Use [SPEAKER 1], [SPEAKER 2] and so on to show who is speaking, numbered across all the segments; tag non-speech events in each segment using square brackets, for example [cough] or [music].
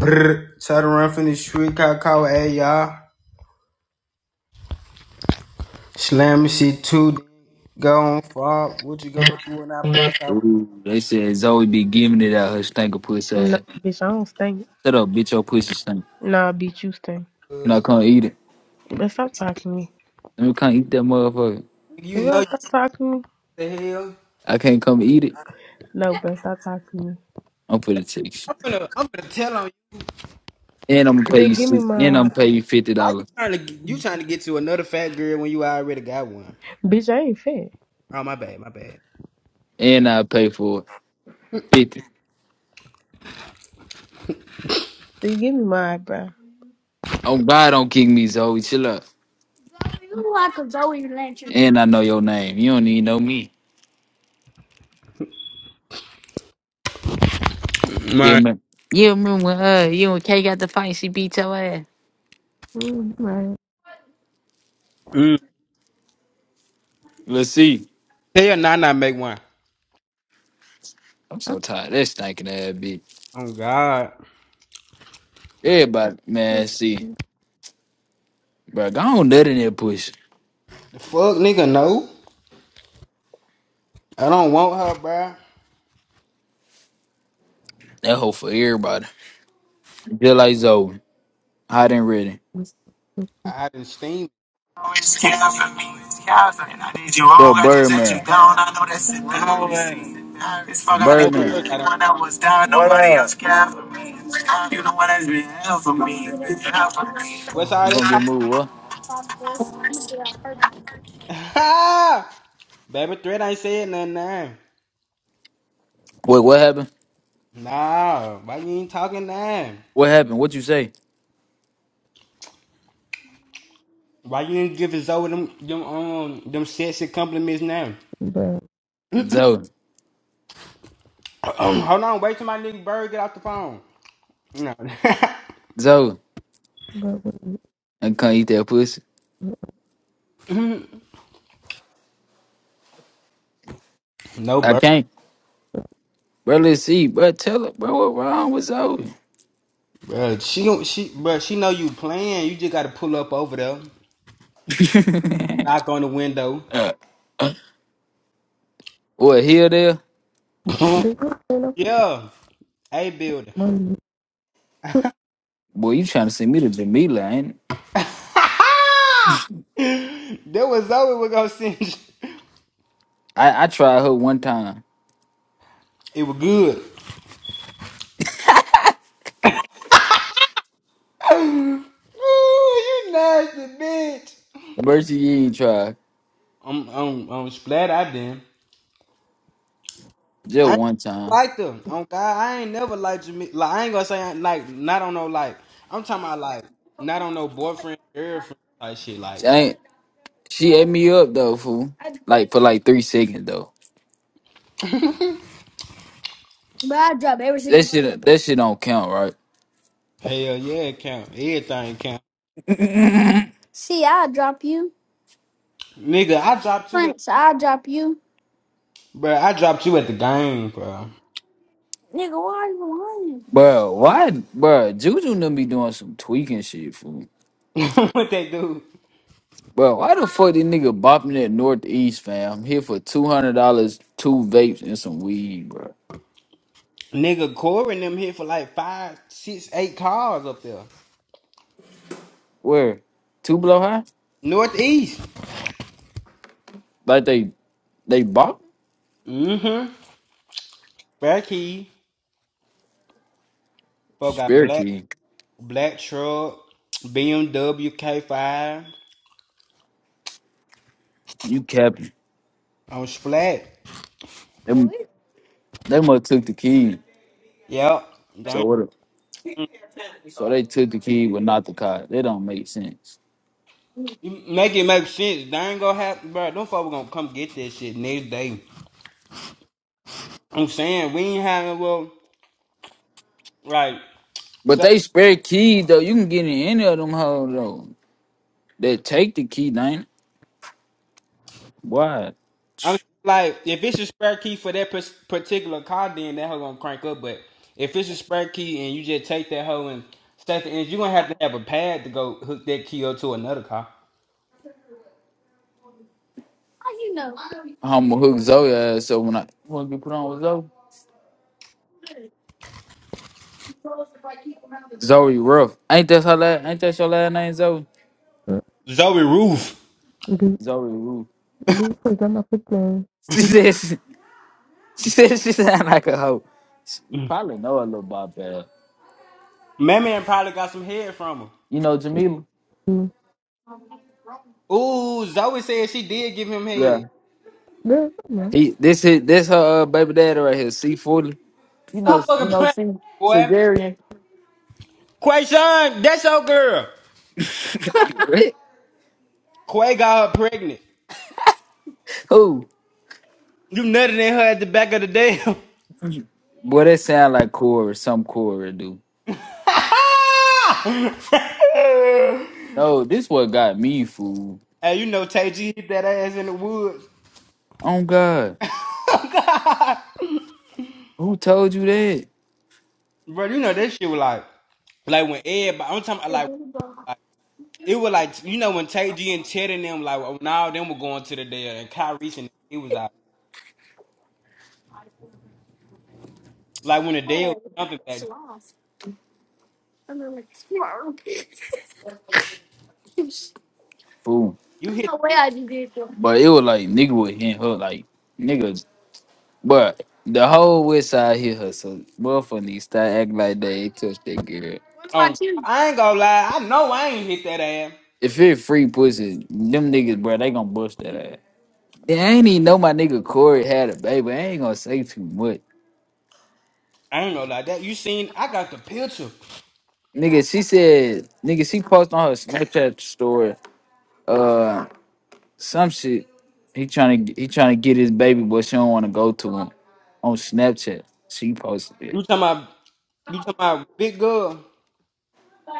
[SPEAKER 1] Try to run from the street, call, call, hey, y'all. Slam shit too. Go on, fuck. What you
[SPEAKER 2] Nah,
[SPEAKER 1] gonna do when I bust out? with
[SPEAKER 3] Ooh, they said Zoe be giving it out her stinker pussy ass.
[SPEAKER 2] bitch, I don't stink.
[SPEAKER 3] Shut up, bitch, your pussy stink.
[SPEAKER 2] Nah, bitch, you stink.
[SPEAKER 3] Can
[SPEAKER 1] Uh,
[SPEAKER 3] I come eat it?
[SPEAKER 2] But stop talking to me.
[SPEAKER 3] Let me come eat that motherfucker.
[SPEAKER 1] you
[SPEAKER 2] If you
[SPEAKER 1] know
[SPEAKER 2] don't
[SPEAKER 1] you
[SPEAKER 2] stop talking to me,
[SPEAKER 1] the hell.
[SPEAKER 3] I can't come eat it.
[SPEAKER 2] no, but stop talking to me.
[SPEAKER 3] I'm for the text. you.
[SPEAKER 1] I'm gonna, I'm gonna tell on you.
[SPEAKER 3] And I'm gonna pay
[SPEAKER 2] See,
[SPEAKER 3] you
[SPEAKER 2] give me
[SPEAKER 3] six. And I'm gonna
[SPEAKER 2] my
[SPEAKER 3] pay you fifty
[SPEAKER 1] Why you
[SPEAKER 3] dollars.
[SPEAKER 1] trying to, get- you trying to get to another fat girl when you already got one?
[SPEAKER 2] bitch. I ain't fat.
[SPEAKER 1] Oh my bad, my bad.
[SPEAKER 3] And I pay for it. Fifty.
[SPEAKER 2] See, give me my bro,
[SPEAKER 3] Oh God, don't kick me, Zoe. Chill up. Zoe, you look like a Zoe lantern. And I know your name. You don't even know me. Yeah,
[SPEAKER 1] My,
[SPEAKER 3] man.
[SPEAKER 2] Mm, right.
[SPEAKER 1] mm.
[SPEAKER 3] Let's see.
[SPEAKER 1] tell your nana make one.
[SPEAKER 3] I'm so tired. That stinking ass bitch.
[SPEAKER 1] Oh God.
[SPEAKER 3] Everybody, man, see, bro, go on nut in that pussy.
[SPEAKER 1] The fuck, nigga, no. I don't want her, bruh.
[SPEAKER 3] That hoe for everybody. Just like Zoe. Hot and ready.
[SPEAKER 1] I didn't steam.
[SPEAKER 4] always came up for me. Yeah, and I did you
[SPEAKER 3] But
[SPEAKER 4] wrong, I just let you
[SPEAKER 3] Birdman,
[SPEAKER 4] down. I know that's it. It's fuck
[SPEAKER 1] No,
[SPEAKER 3] Birdman,
[SPEAKER 4] Hollywood.
[SPEAKER 1] bird, I
[SPEAKER 4] The
[SPEAKER 1] don't.
[SPEAKER 4] one that was down, nobody else cared for me. You the one has been hell for me. Hell for me.
[SPEAKER 1] What's
[SPEAKER 3] you
[SPEAKER 1] all
[SPEAKER 3] gonna
[SPEAKER 1] that
[SPEAKER 3] get moved? What?
[SPEAKER 1] talk? [laughs] Baby Threat ain't said nothing now.
[SPEAKER 3] Wait, what happened?
[SPEAKER 1] Nah, why you ain't talking now?
[SPEAKER 3] What happened? What you say?
[SPEAKER 1] Why you ain't giving Zoe them them um them sexy compliments now?
[SPEAKER 2] But
[SPEAKER 3] Zoe,
[SPEAKER 1] [clears throat] Hold on, wait till my nigga Bird get off the phone. No,
[SPEAKER 3] Zoe, I can't eat that pussy.
[SPEAKER 1] [laughs] no
[SPEAKER 3] I
[SPEAKER 1] Bird.
[SPEAKER 3] can't. Bro, let's see. Bro, tell her, bro, what wrong with Zoe?
[SPEAKER 1] Bruh, she don't- she but she know you playing. You just gotta pull up over there,
[SPEAKER 3] [laughs]
[SPEAKER 1] knock on the window.
[SPEAKER 3] uh, what here there?
[SPEAKER 1] [clears throat]
[SPEAKER 2] they don't stand
[SPEAKER 1] [laughs]
[SPEAKER 2] up for
[SPEAKER 1] yeah, a building.
[SPEAKER 2] money.
[SPEAKER 3] Boy, you trying to send me to Jamila? Ain't it?
[SPEAKER 1] Ah! [laughs] that was Zoe was gonna send. You. [laughs]
[SPEAKER 3] I? I tried her one time.
[SPEAKER 1] It was good. [clears throat] Ooh, you nasty bitch.
[SPEAKER 3] Mercy, you ain't tried
[SPEAKER 1] I'm I'm I'm splat I did.
[SPEAKER 3] just
[SPEAKER 1] I ain't
[SPEAKER 3] one time.
[SPEAKER 1] like them. On God, I ain't never liked Jamaica. Like I ain't gonna say I- like not on no like. I'm talking about like not on no boyfriend girlfriend type shit. Like
[SPEAKER 3] She ain't. She ate me up though, fool. Like for like three seconds though. But I drop every. single That shit. That shit don't count, right?
[SPEAKER 1] hell yeah, it count. Everything count. Nigga, I dropped you at bro. I dropped you at the game, bro.
[SPEAKER 3] Bro, why, bro? Juju done be doing some tweaking shit, fool.
[SPEAKER 1] [laughs] what they do?
[SPEAKER 3] Bro, why the fuck this nigga bopping at Northeast, fam? I'm here for two hundred dollars, two vapes and some weed, bro.
[SPEAKER 1] Nigga, Corey and them hit for like five, six, eight cars up there.
[SPEAKER 3] Where? Two below high?
[SPEAKER 1] Northeast.
[SPEAKER 3] Like they they bought
[SPEAKER 1] Mm-hmm. Back key. Folk got
[SPEAKER 3] Spirit
[SPEAKER 1] black
[SPEAKER 3] Key.
[SPEAKER 1] black truck, BMW K5
[SPEAKER 3] You capping?
[SPEAKER 1] on Splat.
[SPEAKER 3] Them they must took the key.
[SPEAKER 1] Yep.
[SPEAKER 3] So
[SPEAKER 1] Dang.
[SPEAKER 3] what? a- So they took the key, but not the car. That don't make sense.
[SPEAKER 1] You make it make sense. They ain't gonna happen, bro. Them folks gonna come get that shit next day. I'm saying we ain't having well, like,
[SPEAKER 3] But
[SPEAKER 1] so,
[SPEAKER 3] they spare key though. You can get in any of them hoes though. They take the key, ain't it? Why?
[SPEAKER 1] I'm like, if it's a spare key for that pers- particular car, then that hoe gonna crank up. But if it's a spare key and you just take that hoe and set the engine, you gonna have to have a pad to go hook that key up to another car.
[SPEAKER 3] I'm gonna hook Zoe ass. So when I want to be put on with Zoe, Zoe Ruff. Ain't that her last? Ain't that your last name, Zoe?
[SPEAKER 2] Uh,
[SPEAKER 1] Zoe Roof.
[SPEAKER 2] They
[SPEAKER 3] Zoe Ruff. [laughs]
[SPEAKER 2] they put them up with me.
[SPEAKER 3] She said she, she said she sound like a hoe. You probably know a little about that.
[SPEAKER 1] Man, man probably got some head from her.
[SPEAKER 3] You know Jamila.
[SPEAKER 2] Mm.
[SPEAKER 1] Ooh, Zoe said she did give him head.
[SPEAKER 3] Yeah.
[SPEAKER 2] Girl, come on.
[SPEAKER 3] He this his, this her uh, baby daddy right here. C forty. You know
[SPEAKER 1] Stop
[SPEAKER 3] you
[SPEAKER 1] fucking
[SPEAKER 3] know
[SPEAKER 1] playing,
[SPEAKER 3] C
[SPEAKER 1] boy.
[SPEAKER 3] Sugarian.
[SPEAKER 1] Quayshawn, that's your girl.
[SPEAKER 3] [laughs]
[SPEAKER 1] Quay got her pregnant.
[SPEAKER 3] Who?
[SPEAKER 1] You nutted in her at the back of the dam.
[SPEAKER 3] Boy, that sound like Corey. Some Corey do. No, this what got me fool.
[SPEAKER 1] [laughs] hey, you know Tay G hit that ass in the woods.
[SPEAKER 3] Oh God,
[SPEAKER 1] [laughs]
[SPEAKER 3] who told you that?
[SPEAKER 1] Bro, you know that shit was like, like when everybody, I'm talking about like, like it was like, you know when Tay G and Chet and them, like, when all them were going to the deal and Kyrie and it was like, like when the deal was jumping back,
[SPEAKER 3] Fool.
[SPEAKER 1] you hit
[SPEAKER 3] But it was like nigga was hitting her like niggas. But the whole west side hit her, so motherfucker need to start acting like they touch that girl.
[SPEAKER 1] on, I ain't gonna lie, I know I ain't hit that ass.
[SPEAKER 3] If it free pussy, them niggas, bro, they gonna bust that ass. They ain't even know my nigga Corey had a baby. I ain't gonna say too much.
[SPEAKER 1] I ain't gonna lie, that you seen, I got the picture.
[SPEAKER 3] Nigga, she said, nigga, she posted on her Snapchat story, uh, some shit. He trying to he trying to get his baby, but she don't want to go to him on Snapchat. She posted
[SPEAKER 1] You
[SPEAKER 3] it,
[SPEAKER 1] talking about you talking about big girl?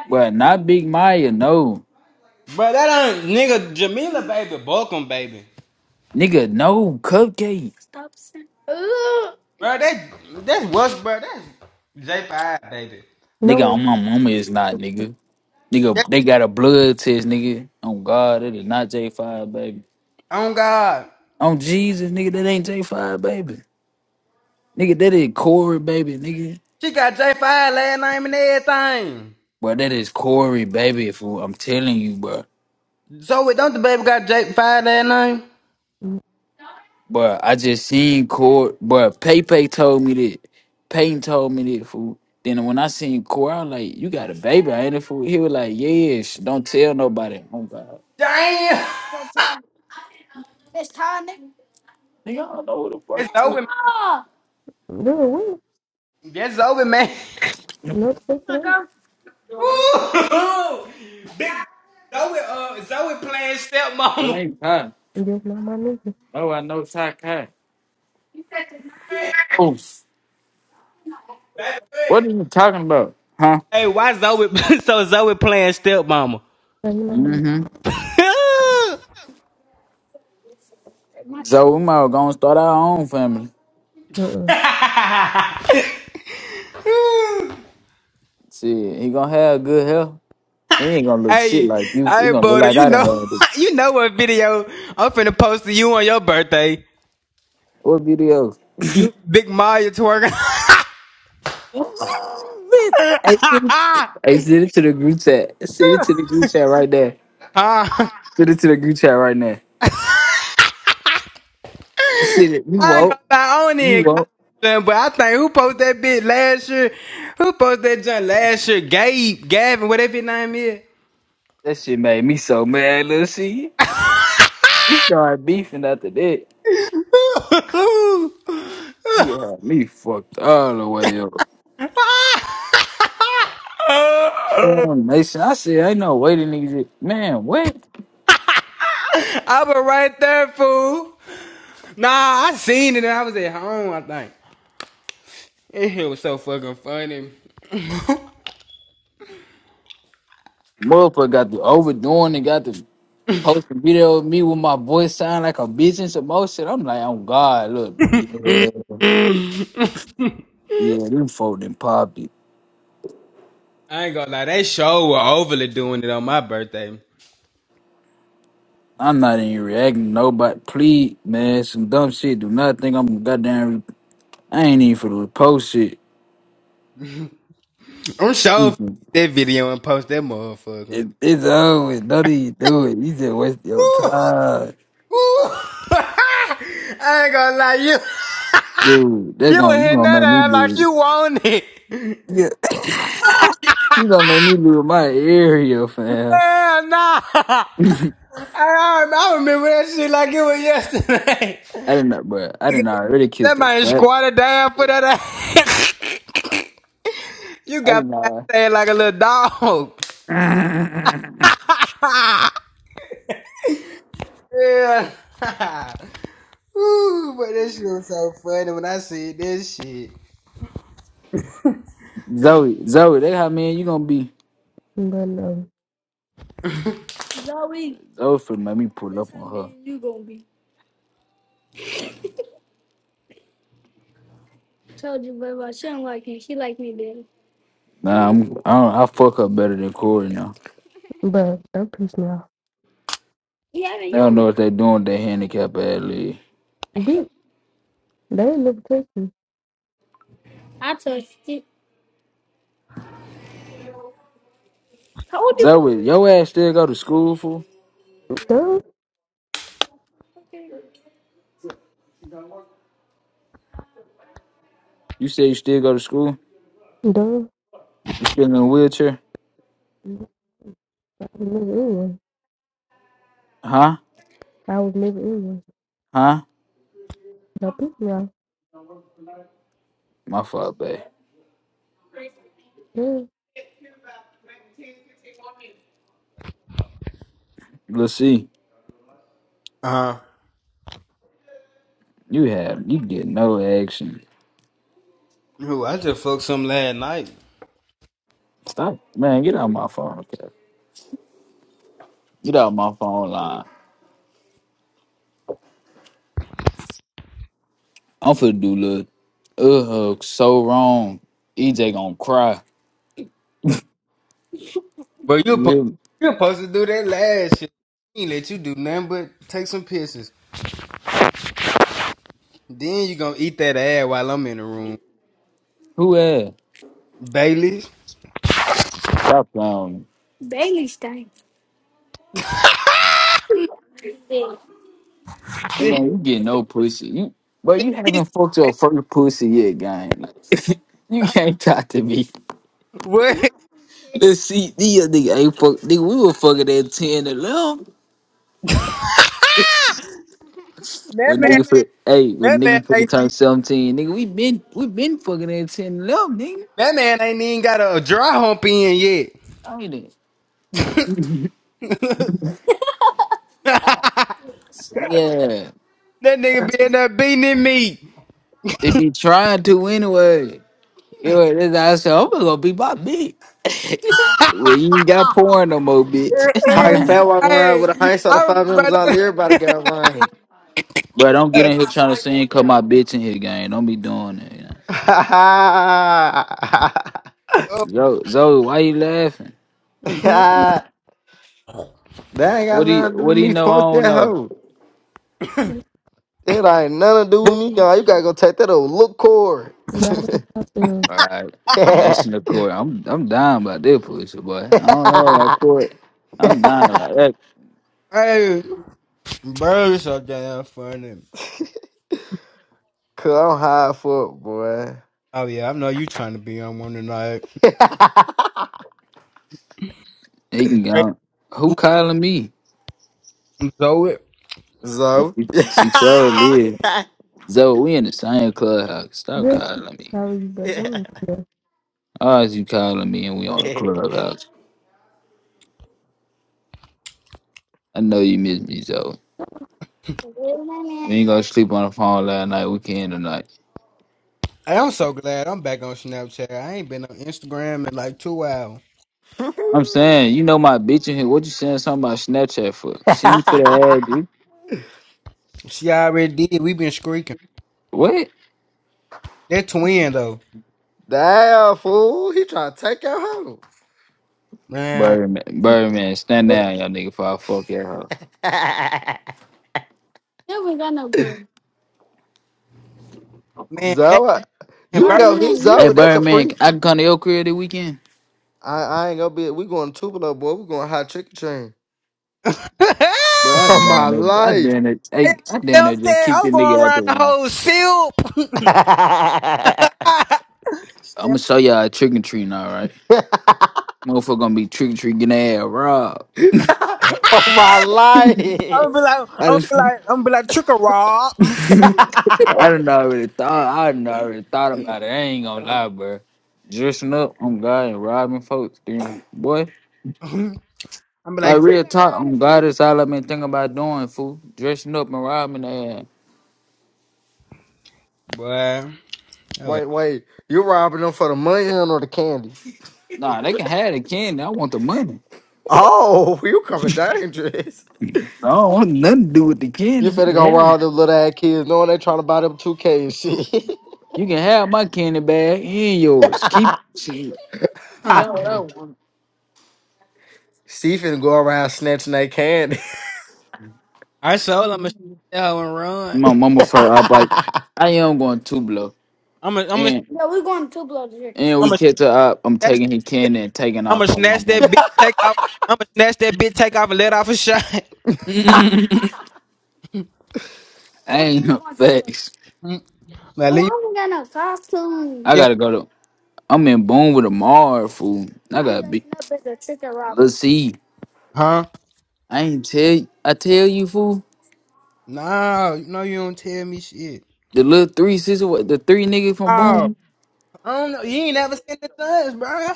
[SPEAKER 3] but not Big Maya, no.
[SPEAKER 1] Bro, that ain't nigga Jamila baby, Balkan baby.
[SPEAKER 3] Nigga, no cupcakes.
[SPEAKER 1] Bro, that that's what's bro, that's J five baby.
[SPEAKER 2] No,
[SPEAKER 3] Nigga,
[SPEAKER 2] it,
[SPEAKER 3] on my mama is not, nigga. Nigga,
[SPEAKER 1] That
[SPEAKER 3] they got a blood test, nigga. On God, it is not J5, baby.
[SPEAKER 1] on God.
[SPEAKER 3] On Jesus, nigga, that ain't J5, baby. Nigga, that is Corey, baby, nigga.
[SPEAKER 1] She got J five last name and everything.
[SPEAKER 3] Bro, that is Corey, baby, fool. I'm telling you, bro.
[SPEAKER 1] Zoe, don't the baby got J five last name?
[SPEAKER 3] Bro, I just seen Corey. Bro, Pepe told me that. Peyton told me that, fool. Then when I seen Corey, I was like, you got a baby, ain't it, fool? He was like, yes. don't tell nobody. Oh, God.
[SPEAKER 1] Damn!
[SPEAKER 3] Nigga, I don't know who the
[SPEAKER 1] It's over,
[SPEAKER 3] fuck.
[SPEAKER 2] girl, wait.
[SPEAKER 1] man. That's over, man. [laughs]
[SPEAKER 2] No, stuff it ain't.
[SPEAKER 1] Woo! Big Zoe uh Zoe playing
[SPEAKER 3] What
[SPEAKER 1] stepmama. [laughs]
[SPEAKER 3] ain't Ty?
[SPEAKER 2] You're not my nigga.
[SPEAKER 3] No, I know Ty Kai.
[SPEAKER 1] Hey,
[SPEAKER 3] Oh,
[SPEAKER 1] baby.
[SPEAKER 3] what
[SPEAKER 1] Hey,
[SPEAKER 3] are you talking about? Huh?
[SPEAKER 1] Hey, why Zoe [laughs] so Zoe playing stepmama?
[SPEAKER 2] No, you're not my nigga.
[SPEAKER 3] Mm-hmm.
[SPEAKER 1] [laughs] hey,
[SPEAKER 3] So we might gonna start our own family.
[SPEAKER 2] Uh-uh.
[SPEAKER 3] Shit, he gonna have good health. He ain't gonna look shit like you. He
[SPEAKER 1] hey,
[SPEAKER 3] gonna look
[SPEAKER 1] brother,
[SPEAKER 3] like
[SPEAKER 1] you
[SPEAKER 3] I
[SPEAKER 1] know,
[SPEAKER 3] done had it.
[SPEAKER 1] [laughs] you know what video I'm finna post to you on your birthday?
[SPEAKER 3] What videos?
[SPEAKER 1] You big Maya twerking.
[SPEAKER 3] Oh, Bitch. I sent it
[SPEAKER 1] [laughs]
[SPEAKER 3] I sent it to the group chat. Send it to the group chat right there.
[SPEAKER 1] Huh?
[SPEAKER 3] Send it to the group chat right now. Send it. You
[SPEAKER 1] I ain't
[SPEAKER 3] won't.
[SPEAKER 1] gonna lie, I don't
[SPEAKER 3] You
[SPEAKER 1] even got
[SPEAKER 3] won't.
[SPEAKER 1] that junk, but I think who posted that bit last year? Who posted that junk last year? Gabe, Gavin, whatever his name is.
[SPEAKER 3] That shit made me so mad, little shit. We started beefing after that.
[SPEAKER 1] [laughs] I
[SPEAKER 3] Nigga had me fucked all the way up. Damn, Mason, I said, ain't no way the niggas. did- Man, what?
[SPEAKER 1] was right there, fool. Nah, I seen it and I was at home, I think. It shit was so fucking funny.
[SPEAKER 3] Motherfucker got the overdoing and got the post a video of me with my voice sound like a bitch and some more shit. I'm like, oh God, look. Yeah, yeah, them folk done popped it.
[SPEAKER 1] I ain't gonna lie, they show were overly doing it on my birthday.
[SPEAKER 3] I'm not even reacting to nobody. Please, man, some dumb shit. Do not think I'm goddamn. I ain't even for the post shit.
[SPEAKER 1] I'm sure
[SPEAKER 3] Mhm.
[SPEAKER 1] that video and post that motherfucker.
[SPEAKER 3] It, it's always, don't even do it. You just waste your
[SPEAKER 1] Ooh, ooh.
[SPEAKER 3] time.
[SPEAKER 1] [laughs] I ain't gonna lie, you
[SPEAKER 3] Dude, that's
[SPEAKER 1] you were
[SPEAKER 3] gonna, you
[SPEAKER 1] hitting
[SPEAKER 3] gonna
[SPEAKER 1] that
[SPEAKER 3] make me
[SPEAKER 1] ass
[SPEAKER 3] do it.
[SPEAKER 1] like you wanted. it.
[SPEAKER 3] Yeah. [coughs] [laughs] you gonna make me lose my area, fam.
[SPEAKER 1] Hell nah. [laughs] I,
[SPEAKER 3] [laughs] I
[SPEAKER 1] I, I remember that shit like it was yesterday. [laughs]
[SPEAKER 3] didn't know, bro. I didn't already kiss
[SPEAKER 1] That
[SPEAKER 3] the
[SPEAKER 1] man
[SPEAKER 3] fat.
[SPEAKER 1] squatted down for that ass. [laughs] you
[SPEAKER 3] I
[SPEAKER 1] got
[SPEAKER 3] didn't
[SPEAKER 1] my
[SPEAKER 3] know.
[SPEAKER 1] ass like a little dog.
[SPEAKER 3] [laughs]
[SPEAKER 1] Yeah. [laughs] Ooh, but this shit was so funny when I see this shit.
[SPEAKER 3] Zoe, Zoe, they how man you gonna be.
[SPEAKER 2] But, no.
[SPEAKER 3] Zoe for make me pull up on her. You going Nah, I'm, I don't. I fuck her better than Corey now.
[SPEAKER 2] But, that pissed me off.
[SPEAKER 3] I don't know what they doing with their handicap ad league.
[SPEAKER 2] Bitch, they ain't never touched
[SPEAKER 3] Zoe, your ass still go to school, fool?
[SPEAKER 2] me.
[SPEAKER 3] You say you still go to school?
[SPEAKER 2] Duh.
[SPEAKER 3] You still in a wheelchair?
[SPEAKER 2] I would never anyone.
[SPEAKER 3] Huh?
[SPEAKER 2] I would never anyone.
[SPEAKER 3] Huh?
[SPEAKER 2] No people out.
[SPEAKER 3] My fault, babe.
[SPEAKER 2] Yeah,
[SPEAKER 3] Let's see.
[SPEAKER 1] Uh huh.
[SPEAKER 3] You have you get no action.
[SPEAKER 1] Ooh, I just fucked some last night.
[SPEAKER 3] Stop, man. Get out my phone. Okay? Get out my phone line. I'm finna do look. Ugh, so wrong. EJ gonna cry.
[SPEAKER 1] But you po-
[SPEAKER 3] You,
[SPEAKER 1] you supposed to do that last shit. He ain't let you do nothing but take some pisses. Then you gonna eat that ass while I'm in the room.
[SPEAKER 3] who ass?
[SPEAKER 1] Bailey's.
[SPEAKER 3] Stop playing. with me. Come on, you get no pussy. You, but
[SPEAKER 1] then
[SPEAKER 3] you
[SPEAKER 1] he
[SPEAKER 3] haven't fucked your
[SPEAKER 1] say,
[SPEAKER 3] first pussy yet, gang. Like, [laughs] you can't talk to me.
[SPEAKER 1] what?
[SPEAKER 3] Let's see, these other nigga ain't fuck. Nigga, we were fucking at ten and eleven.
[SPEAKER 1] That
[SPEAKER 3] When
[SPEAKER 1] man,
[SPEAKER 3] nigga for hey, when
[SPEAKER 1] that man
[SPEAKER 3] nigga for the
[SPEAKER 1] ain't,
[SPEAKER 3] time seventeen, nigga, we been we been fucking at ten and eleven, nigga.
[SPEAKER 1] that man ain't even got a dry hump in yet.
[SPEAKER 3] Ain't it?
[SPEAKER 1] [laughs] that
[SPEAKER 3] Yeah.
[SPEAKER 1] nigga be in there beating at me.
[SPEAKER 3] If you trying to anyway, you know, this I said, I'm gonna be my bitch. Well, you ain't got porn no more, bitch.
[SPEAKER 4] Pocket
[SPEAKER 3] [laughs]
[SPEAKER 1] [laughs]
[SPEAKER 4] fat walking around
[SPEAKER 1] hey,
[SPEAKER 4] with a hindsight of five
[SPEAKER 1] I'm,
[SPEAKER 4] members
[SPEAKER 1] but
[SPEAKER 4] all
[SPEAKER 1] I,
[SPEAKER 4] everybody got lying.
[SPEAKER 3] Bro, don't get in here trying to sing cause my bitch in here, gang. Don't be doing that. You know?
[SPEAKER 4] [laughs] that
[SPEAKER 3] Zoe, Zoe, why you laughing?
[SPEAKER 2] girl.
[SPEAKER 4] ain't
[SPEAKER 3] What
[SPEAKER 4] got
[SPEAKER 3] do you
[SPEAKER 4] nothing to do
[SPEAKER 3] what
[SPEAKER 4] with
[SPEAKER 3] do you
[SPEAKER 4] me.
[SPEAKER 3] know? I
[SPEAKER 4] Fuck
[SPEAKER 3] don't
[SPEAKER 4] that
[SPEAKER 3] know.
[SPEAKER 4] hoe. It ain't nothing to do with
[SPEAKER 1] oh,
[SPEAKER 4] me, y'all. You you got to go take that old look cord.
[SPEAKER 2] Bottom of top end.
[SPEAKER 3] All right.
[SPEAKER 4] [laughs]
[SPEAKER 3] I'm next
[SPEAKER 4] Cause
[SPEAKER 3] the court. I'm I'm dying about this pussy, boy. I don't know about court. I'm dying about that.
[SPEAKER 1] hey. Birds up there funny.
[SPEAKER 4] I'm high fuck, boy.
[SPEAKER 1] Oh yeah, I know you trying to be on one tonight.
[SPEAKER 3] He can
[SPEAKER 1] Great.
[SPEAKER 3] go. Who calling me?
[SPEAKER 1] Zoe.
[SPEAKER 4] So [laughs]
[SPEAKER 3] She sure did. Zoe, we in the same clubhouse. Stop
[SPEAKER 2] Girl,
[SPEAKER 3] calling me.
[SPEAKER 2] sorry, but I don't care.
[SPEAKER 3] Why is you calling me and we on the clubhouse? I know you miss me, Zoe. We ain't gonna sleep on the phone last night. We can tonight.
[SPEAKER 1] Hey, I'm so glad I'm back on Snapchat. I ain't been on Instagram in like two hours.
[SPEAKER 3] I'm saying, you know my bitch in here. What you saying something about Snapchat for? She ain't for the ass, dude.
[SPEAKER 1] She already did. We been screeking.
[SPEAKER 3] What?
[SPEAKER 1] are twin though.
[SPEAKER 4] Damn fool, he trying to take your hoe.
[SPEAKER 1] Man,
[SPEAKER 3] Birdman, Birdman, stand
[SPEAKER 2] But
[SPEAKER 3] down, y'all nigga, before I fuck your hoe.
[SPEAKER 4] [laughs]
[SPEAKER 1] man, man,
[SPEAKER 4] Zoe, you can
[SPEAKER 1] bird.
[SPEAKER 4] go hit
[SPEAKER 3] Hey,
[SPEAKER 4] Zoe. That's a
[SPEAKER 3] Birdman,
[SPEAKER 4] free.
[SPEAKER 3] I can come to your crib this weekend?
[SPEAKER 4] I, I ain't gonna be. We going to Tupelo, boy. We going hot chicken chain.
[SPEAKER 1] [laughs] I
[SPEAKER 3] Bro, I
[SPEAKER 4] [laughs] On my
[SPEAKER 3] damn it. I
[SPEAKER 4] life.
[SPEAKER 3] damn it. Hey, I damn it.
[SPEAKER 1] stepped
[SPEAKER 3] Just
[SPEAKER 1] there.
[SPEAKER 3] kick
[SPEAKER 1] I'm
[SPEAKER 3] the
[SPEAKER 1] going
[SPEAKER 3] nigga out the
[SPEAKER 1] around the
[SPEAKER 3] room.
[SPEAKER 1] whole silk. [laughs]
[SPEAKER 4] [laughs]
[SPEAKER 1] I'm
[SPEAKER 3] I'm gonna show y'all a trick and treat now, right? Motherfucker gonna be trick treat getting their ass robbed.
[SPEAKER 4] On my life.
[SPEAKER 1] gonna be like, I'm
[SPEAKER 3] I
[SPEAKER 1] gonna
[SPEAKER 3] just, [laughs]
[SPEAKER 1] be
[SPEAKER 3] I
[SPEAKER 1] like, I'm gonna be like trick or rob.
[SPEAKER 4] [laughs]
[SPEAKER 3] done already thought, I done already thought about it. I ain't gonna lie, bro. Dressing up, I'm God and robbing folks, then boy.
[SPEAKER 1] [laughs] I'm gonna be
[SPEAKER 3] Like
[SPEAKER 1] like,
[SPEAKER 3] real talk, I'm god. that's all I've been thinking about doing, fool. Dressing up and robbing their ass.
[SPEAKER 1] boy. Oh,
[SPEAKER 4] wait, wait. You robbing them for the money or the candy?
[SPEAKER 3] Nah, they can have the candy. I want the money.
[SPEAKER 4] Oh, [laughs] you coming dangerous.
[SPEAKER 3] I don't want nothing to do with the
[SPEAKER 4] You
[SPEAKER 3] candy. You
[SPEAKER 4] finna
[SPEAKER 3] can
[SPEAKER 4] go
[SPEAKER 3] have, it.
[SPEAKER 4] around them little ass kids knowing they trying to buy them 2K and shit.
[SPEAKER 3] you can have my candy bag and yours. Keep,
[SPEAKER 4] [laughs]
[SPEAKER 3] shit.
[SPEAKER 1] well.
[SPEAKER 3] Got what I want.
[SPEAKER 4] she finna go around snatching that candy.
[SPEAKER 1] I sold. I'ma snatch that hoe and run.
[SPEAKER 3] My mama first, I'm like,
[SPEAKER 4] [laughs]
[SPEAKER 3] I am going to blow.
[SPEAKER 1] I'ma I'ma
[SPEAKER 3] And and we
[SPEAKER 1] I'ma
[SPEAKER 3] catch her up. I'm
[SPEAKER 1] snatch
[SPEAKER 3] taking his
[SPEAKER 1] that bitch.
[SPEAKER 3] candy and taking
[SPEAKER 1] I'ma
[SPEAKER 3] off on my
[SPEAKER 1] snatch that
[SPEAKER 3] mama.
[SPEAKER 1] bitch. Take off. I'ma snatch that bitch. Take off and let off a shot. [laughs]
[SPEAKER 3] [laughs] I ain't no facts. [laughs]
[SPEAKER 1] Mm. now leave
[SPEAKER 3] I
[SPEAKER 1] me alone.
[SPEAKER 3] gotta go to. I'm in Boone with a Mar fool. I gotta be. Let's see.
[SPEAKER 1] Huh?
[SPEAKER 3] I ain't tell. I tell you fool.
[SPEAKER 1] No, no, you don't tell me shit.
[SPEAKER 3] The little three sister. What the three nigga from
[SPEAKER 1] Oh,
[SPEAKER 3] Boone?
[SPEAKER 1] I don't know. You ain't never seen the thugs, bro.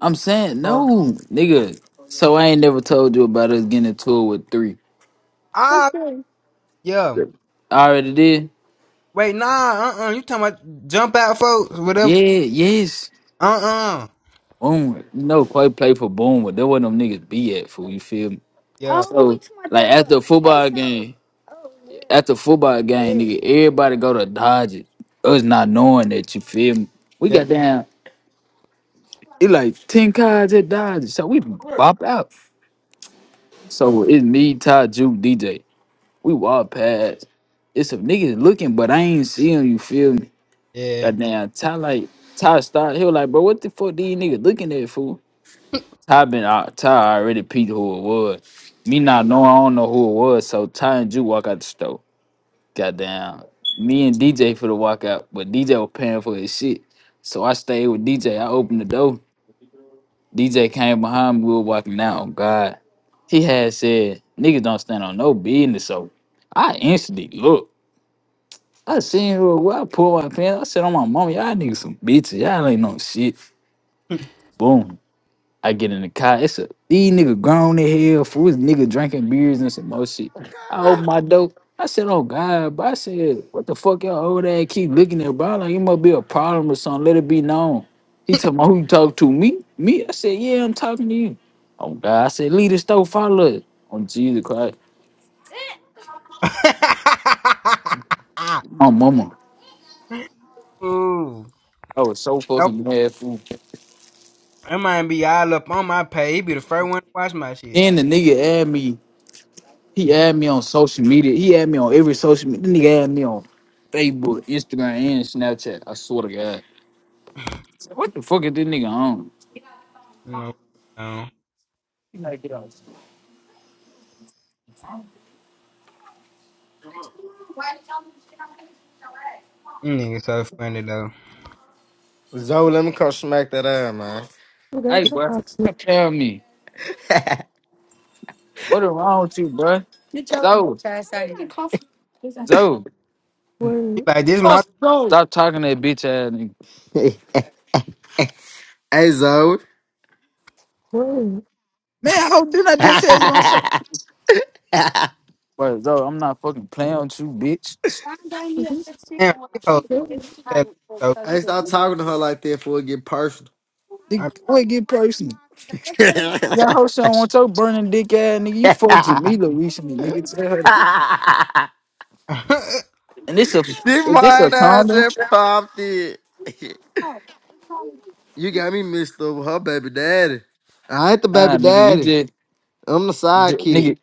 [SPEAKER 3] I'm saying no, nigga. So I ain't never told you about us getting a tour with three.
[SPEAKER 1] Ah, yeah.
[SPEAKER 3] I already did.
[SPEAKER 1] Wait, nah. Uh, uh You talking about jump out, folks? Whatever.
[SPEAKER 3] Yeah. Yes.
[SPEAKER 1] Uh, uh
[SPEAKER 3] Boom, you know, Clay played for Boomwood. That where them niggas be at, fool. You feel me?
[SPEAKER 1] Yeah,
[SPEAKER 3] So, like after a football FaceTime game, after a football game, Yeah. nigga, everybody go to Dodgers. Us not knowing that, you feel me? We
[SPEAKER 1] yeah,
[SPEAKER 3] got down. It like ten cars at Dodgers, so we bop out. So it's me, Ty, Juke, DJ. We walk past. It's some niggas looking, but I ain't see 'em, You feel me?
[SPEAKER 1] yeah. [laughs]
[SPEAKER 3] Goddamn, Ty like Ty start. He was like, bro, what the fuck these niggas looking at, fool? Ty been out. Ty already peeped who it was. Me not know. I don't know who it was. So Ty and Ju walk out the store. Goddamn. Me and DJ for the walk out, but DJ was paying for his shit. So I stayed with DJ. I opened the door. DJ came behind me. We were walking out. Oh God. He had said, "Niggas don't stand on no business." So I instantly looked. I seen who it was. I pulled my pants. I said, "On my mama, y'all niggas some bitches. Y'all ain't no shit." Boom. I get in the car. It's a these nigga grown in hell, foolish nigga drinking beers and some more shit. I open my door. I said, "Oh God!" But I said, "What the fuck, y'all old ass keep looking at, bro? Like it must be a problem or something. Let it be known." He told me, "Who you talk to? Me? Me?" I said, "Yeah, I'm talking to you." Oh God! I said, "Leave the store, follow us." On Jesus Christ, my mama.
[SPEAKER 1] Ooh.
[SPEAKER 3] I was so fucking mad, fool.
[SPEAKER 1] That man be all up on my page. He be the first one to watch my shit.
[SPEAKER 3] Then the nigga asked me. He add me on social media. He add me on every social media. This nigga add me on Facebook, Instagram, and Snapchat. I swear to God. What the fuck is this nigga on?
[SPEAKER 1] You know, um,
[SPEAKER 3] He like, get off.
[SPEAKER 1] You nigga so funny though.
[SPEAKER 4] Zoe, let me come smack that ass, man.
[SPEAKER 3] Hey,
[SPEAKER 2] girl, I'm
[SPEAKER 3] bro.
[SPEAKER 2] talking.
[SPEAKER 3] Stop telling me. What is wrong with you, bro? Zoe. Zoe.
[SPEAKER 1] He
[SPEAKER 2] Word,
[SPEAKER 1] like this my
[SPEAKER 3] What's Zoe? Stop talking to that bitch ass nigga.
[SPEAKER 4] [laughs] hey, Zoe.
[SPEAKER 3] Man, how did I
[SPEAKER 4] [laughs]
[SPEAKER 3] just
[SPEAKER 4] hey,
[SPEAKER 3] say you don't say? Bro, Zoe, I'm not fucking playing with you, bitch.
[SPEAKER 2] word.
[SPEAKER 1] damn these hoes fat so.
[SPEAKER 4] stop talking to her like that before it get personal.
[SPEAKER 3] Dig-
[SPEAKER 1] I-
[SPEAKER 3] Wait, get personal.
[SPEAKER 4] [laughs]
[SPEAKER 3] That all hoes do want your burning dick ass nigga. You fucked Jamila recently, nigga. Tell her.
[SPEAKER 1] [laughs]
[SPEAKER 3] And this a
[SPEAKER 4] this
[SPEAKER 3] is this a
[SPEAKER 4] mine ass
[SPEAKER 3] condom?
[SPEAKER 4] just popped it. [laughs] You got me mixed up with her baby daddy. I ain't the
[SPEAKER 3] Nah,
[SPEAKER 4] baby
[SPEAKER 3] nigga, you
[SPEAKER 4] daddy.
[SPEAKER 3] just,
[SPEAKER 4] I'm the
[SPEAKER 3] j
[SPEAKER 4] sidekick.
[SPEAKER 3] nigga,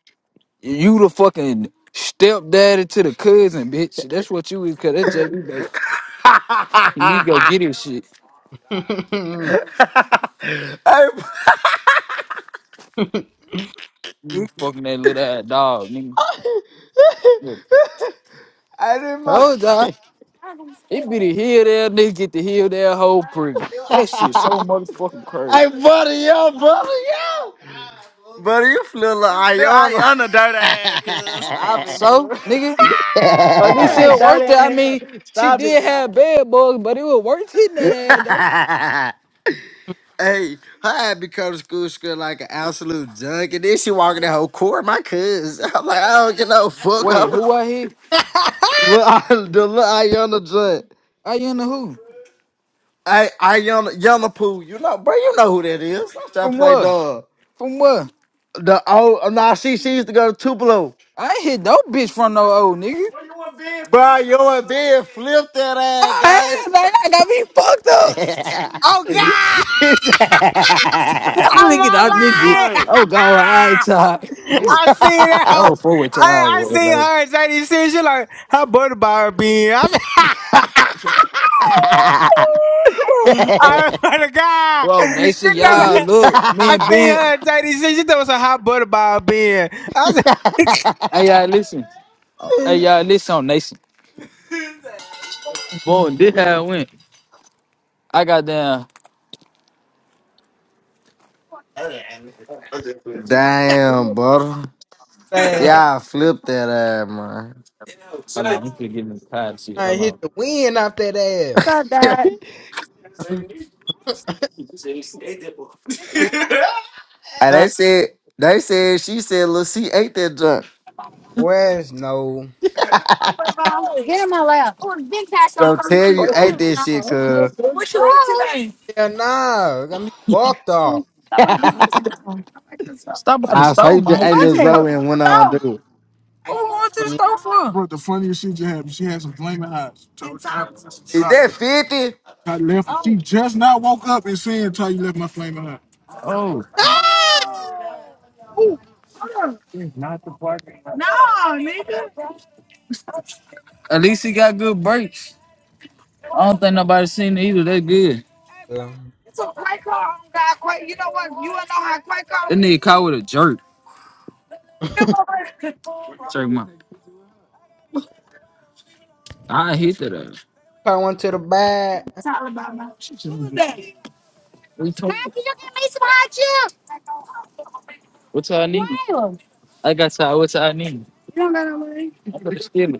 [SPEAKER 3] you the fucking stepdaddy to the cousin, bitch. That's what you is, cause that's JD, baby. You need to go
[SPEAKER 4] [laughs]
[SPEAKER 3] get his shit.
[SPEAKER 1] oh
[SPEAKER 4] [laughs] I,
[SPEAKER 3] You fucking that little ass dog,
[SPEAKER 4] [laughs]
[SPEAKER 3] nigga. Look,
[SPEAKER 4] I remember.
[SPEAKER 3] told y'all, it be the heel there, nigga, get the heel there, whole pretty.
[SPEAKER 4] [laughs]
[SPEAKER 3] That shit so
[SPEAKER 4] i mind.
[SPEAKER 3] motherfucking crazy.
[SPEAKER 4] hey, bu- buddy, you flew like Ayana, [laughs]
[SPEAKER 3] So, nigga, at least it worked it. I mean, she did have bad bugs, but it was worth hitting that ass, though.
[SPEAKER 4] Hey, I had become come to school, school like an absolute junk, and then she walking that whole court, my cuz. [laughs] I'm like, I don't get no fuck
[SPEAKER 3] Wait,
[SPEAKER 4] up.
[SPEAKER 3] who I hit?
[SPEAKER 4] Look, I, the little Ayana junk.
[SPEAKER 3] I in the who?
[SPEAKER 4] Hey, Ayana, Yana Poo, you know, bro, you know who that is. Stop trying to
[SPEAKER 3] From
[SPEAKER 4] play
[SPEAKER 3] what?
[SPEAKER 4] dog.
[SPEAKER 3] From what?
[SPEAKER 4] The oh, nah, she, she used to go to Tupelo.
[SPEAKER 3] I ain't hit no bitch from no old nigga.
[SPEAKER 4] Well, you were being Bro, flipped. you were being flipped that ass,
[SPEAKER 3] I
[SPEAKER 4] guys.
[SPEAKER 3] ain't like, I got me fucked up.
[SPEAKER 4] [laughs] You
[SPEAKER 1] God! [laughs]
[SPEAKER 3] [laughs] I'm gonna
[SPEAKER 1] oh
[SPEAKER 4] [laughs]
[SPEAKER 3] get
[SPEAKER 1] my
[SPEAKER 3] out
[SPEAKER 4] trying to
[SPEAKER 3] this bitch.
[SPEAKER 4] throw
[SPEAKER 1] life!
[SPEAKER 3] Oh,
[SPEAKER 1] [laughs]
[SPEAKER 3] God, I ain't tired. I'm,
[SPEAKER 1] I see that
[SPEAKER 3] I'm
[SPEAKER 1] hoe.
[SPEAKER 3] a forward tired.
[SPEAKER 1] I, I
[SPEAKER 3] boy,
[SPEAKER 1] seen
[SPEAKER 3] Like,
[SPEAKER 1] her at JDC. She like how butter bar being. I said, [laughs]
[SPEAKER 3] what?
[SPEAKER 1] I
[SPEAKER 4] [laughs]
[SPEAKER 1] swear to God.
[SPEAKER 3] Well,
[SPEAKER 1] She
[SPEAKER 3] Nation,
[SPEAKER 1] talking
[SPEAKER 3] y'all,
[SPEAKER 1] about-
[SPEAKER 3] look, me
[SPEAKER 1] I
[SPEAKER 3] and
[SPEAKER 1] think
[SPEAKER 3] Ben.
[SPEAKER 1] her and JD said she she thought it was a hot butter ball being. I said,
[SPEAKER 3] Hey, y'all, listen. Hey, y'all, listen on Nation. Boom, this how it went. I got down.
[SPEAKER 4] Damn, brother.
[SPEAKER 1] [laughs] man,
[SPEAKER 3] Ah,
[SPEAKER 4] Yeah, I flipped that ass, man.
[SPEAKER 3] Hold on, I'm gonna get in the car and shit.
[SPEAKER 1] I
[SPEAKER 3] Hold
[SPEAKER 1] hit
[SPEAKER 3] on.
[SPEAKER 1] the wind off that ass. [laughs]
[SPEAKER 4] [laughs]
[SPEAKER 1] Hit
[SPEAKER 4] And they
[SPEAKER 1] my
[SPEAKER 4] said, they said, she said, Lil C ate that junk.
[SPEAKER 1] west, no.
[SPEAKER 4] Don't tell you ate that shit, cuz
[SPEAKER 3] What's your name?
[SPEAKER 1] Yeah, nah. Got me fucked off.
[SPEAKER 3] Stop by the
[SPEAKER 4] I saw
[SPEAKER 3] stove,
[SPEAKER 4] you just ate little
[SPEAKER 3] man.
[SPEAKER 4] Zoe and went on, dude.
[SPEAKER 3] Who wants this
[SPEAKER 1] I
[SPEAKER 3] stuff for? Bro, the funniest shit just happened. She had some flaming eyes. Told Ty
[SPEAKER 4] Is that
[SPEAKER 3] Ty
[SPEAKER 4] 50?
[SPEAKER 3] left. She just now woke up and saying, Ty, you left my flaming eye. Oh, at least he got good breaks. I don't think nobody seen it either. That's good. That nigga caught with a jerk. Jerk my. I hit that ass.
[SPEAKER 1] went [laughs] to the back.
[SPEAKER 3] We talking. about? What's all I need? I got you What's all I need? I'm gonna steal it.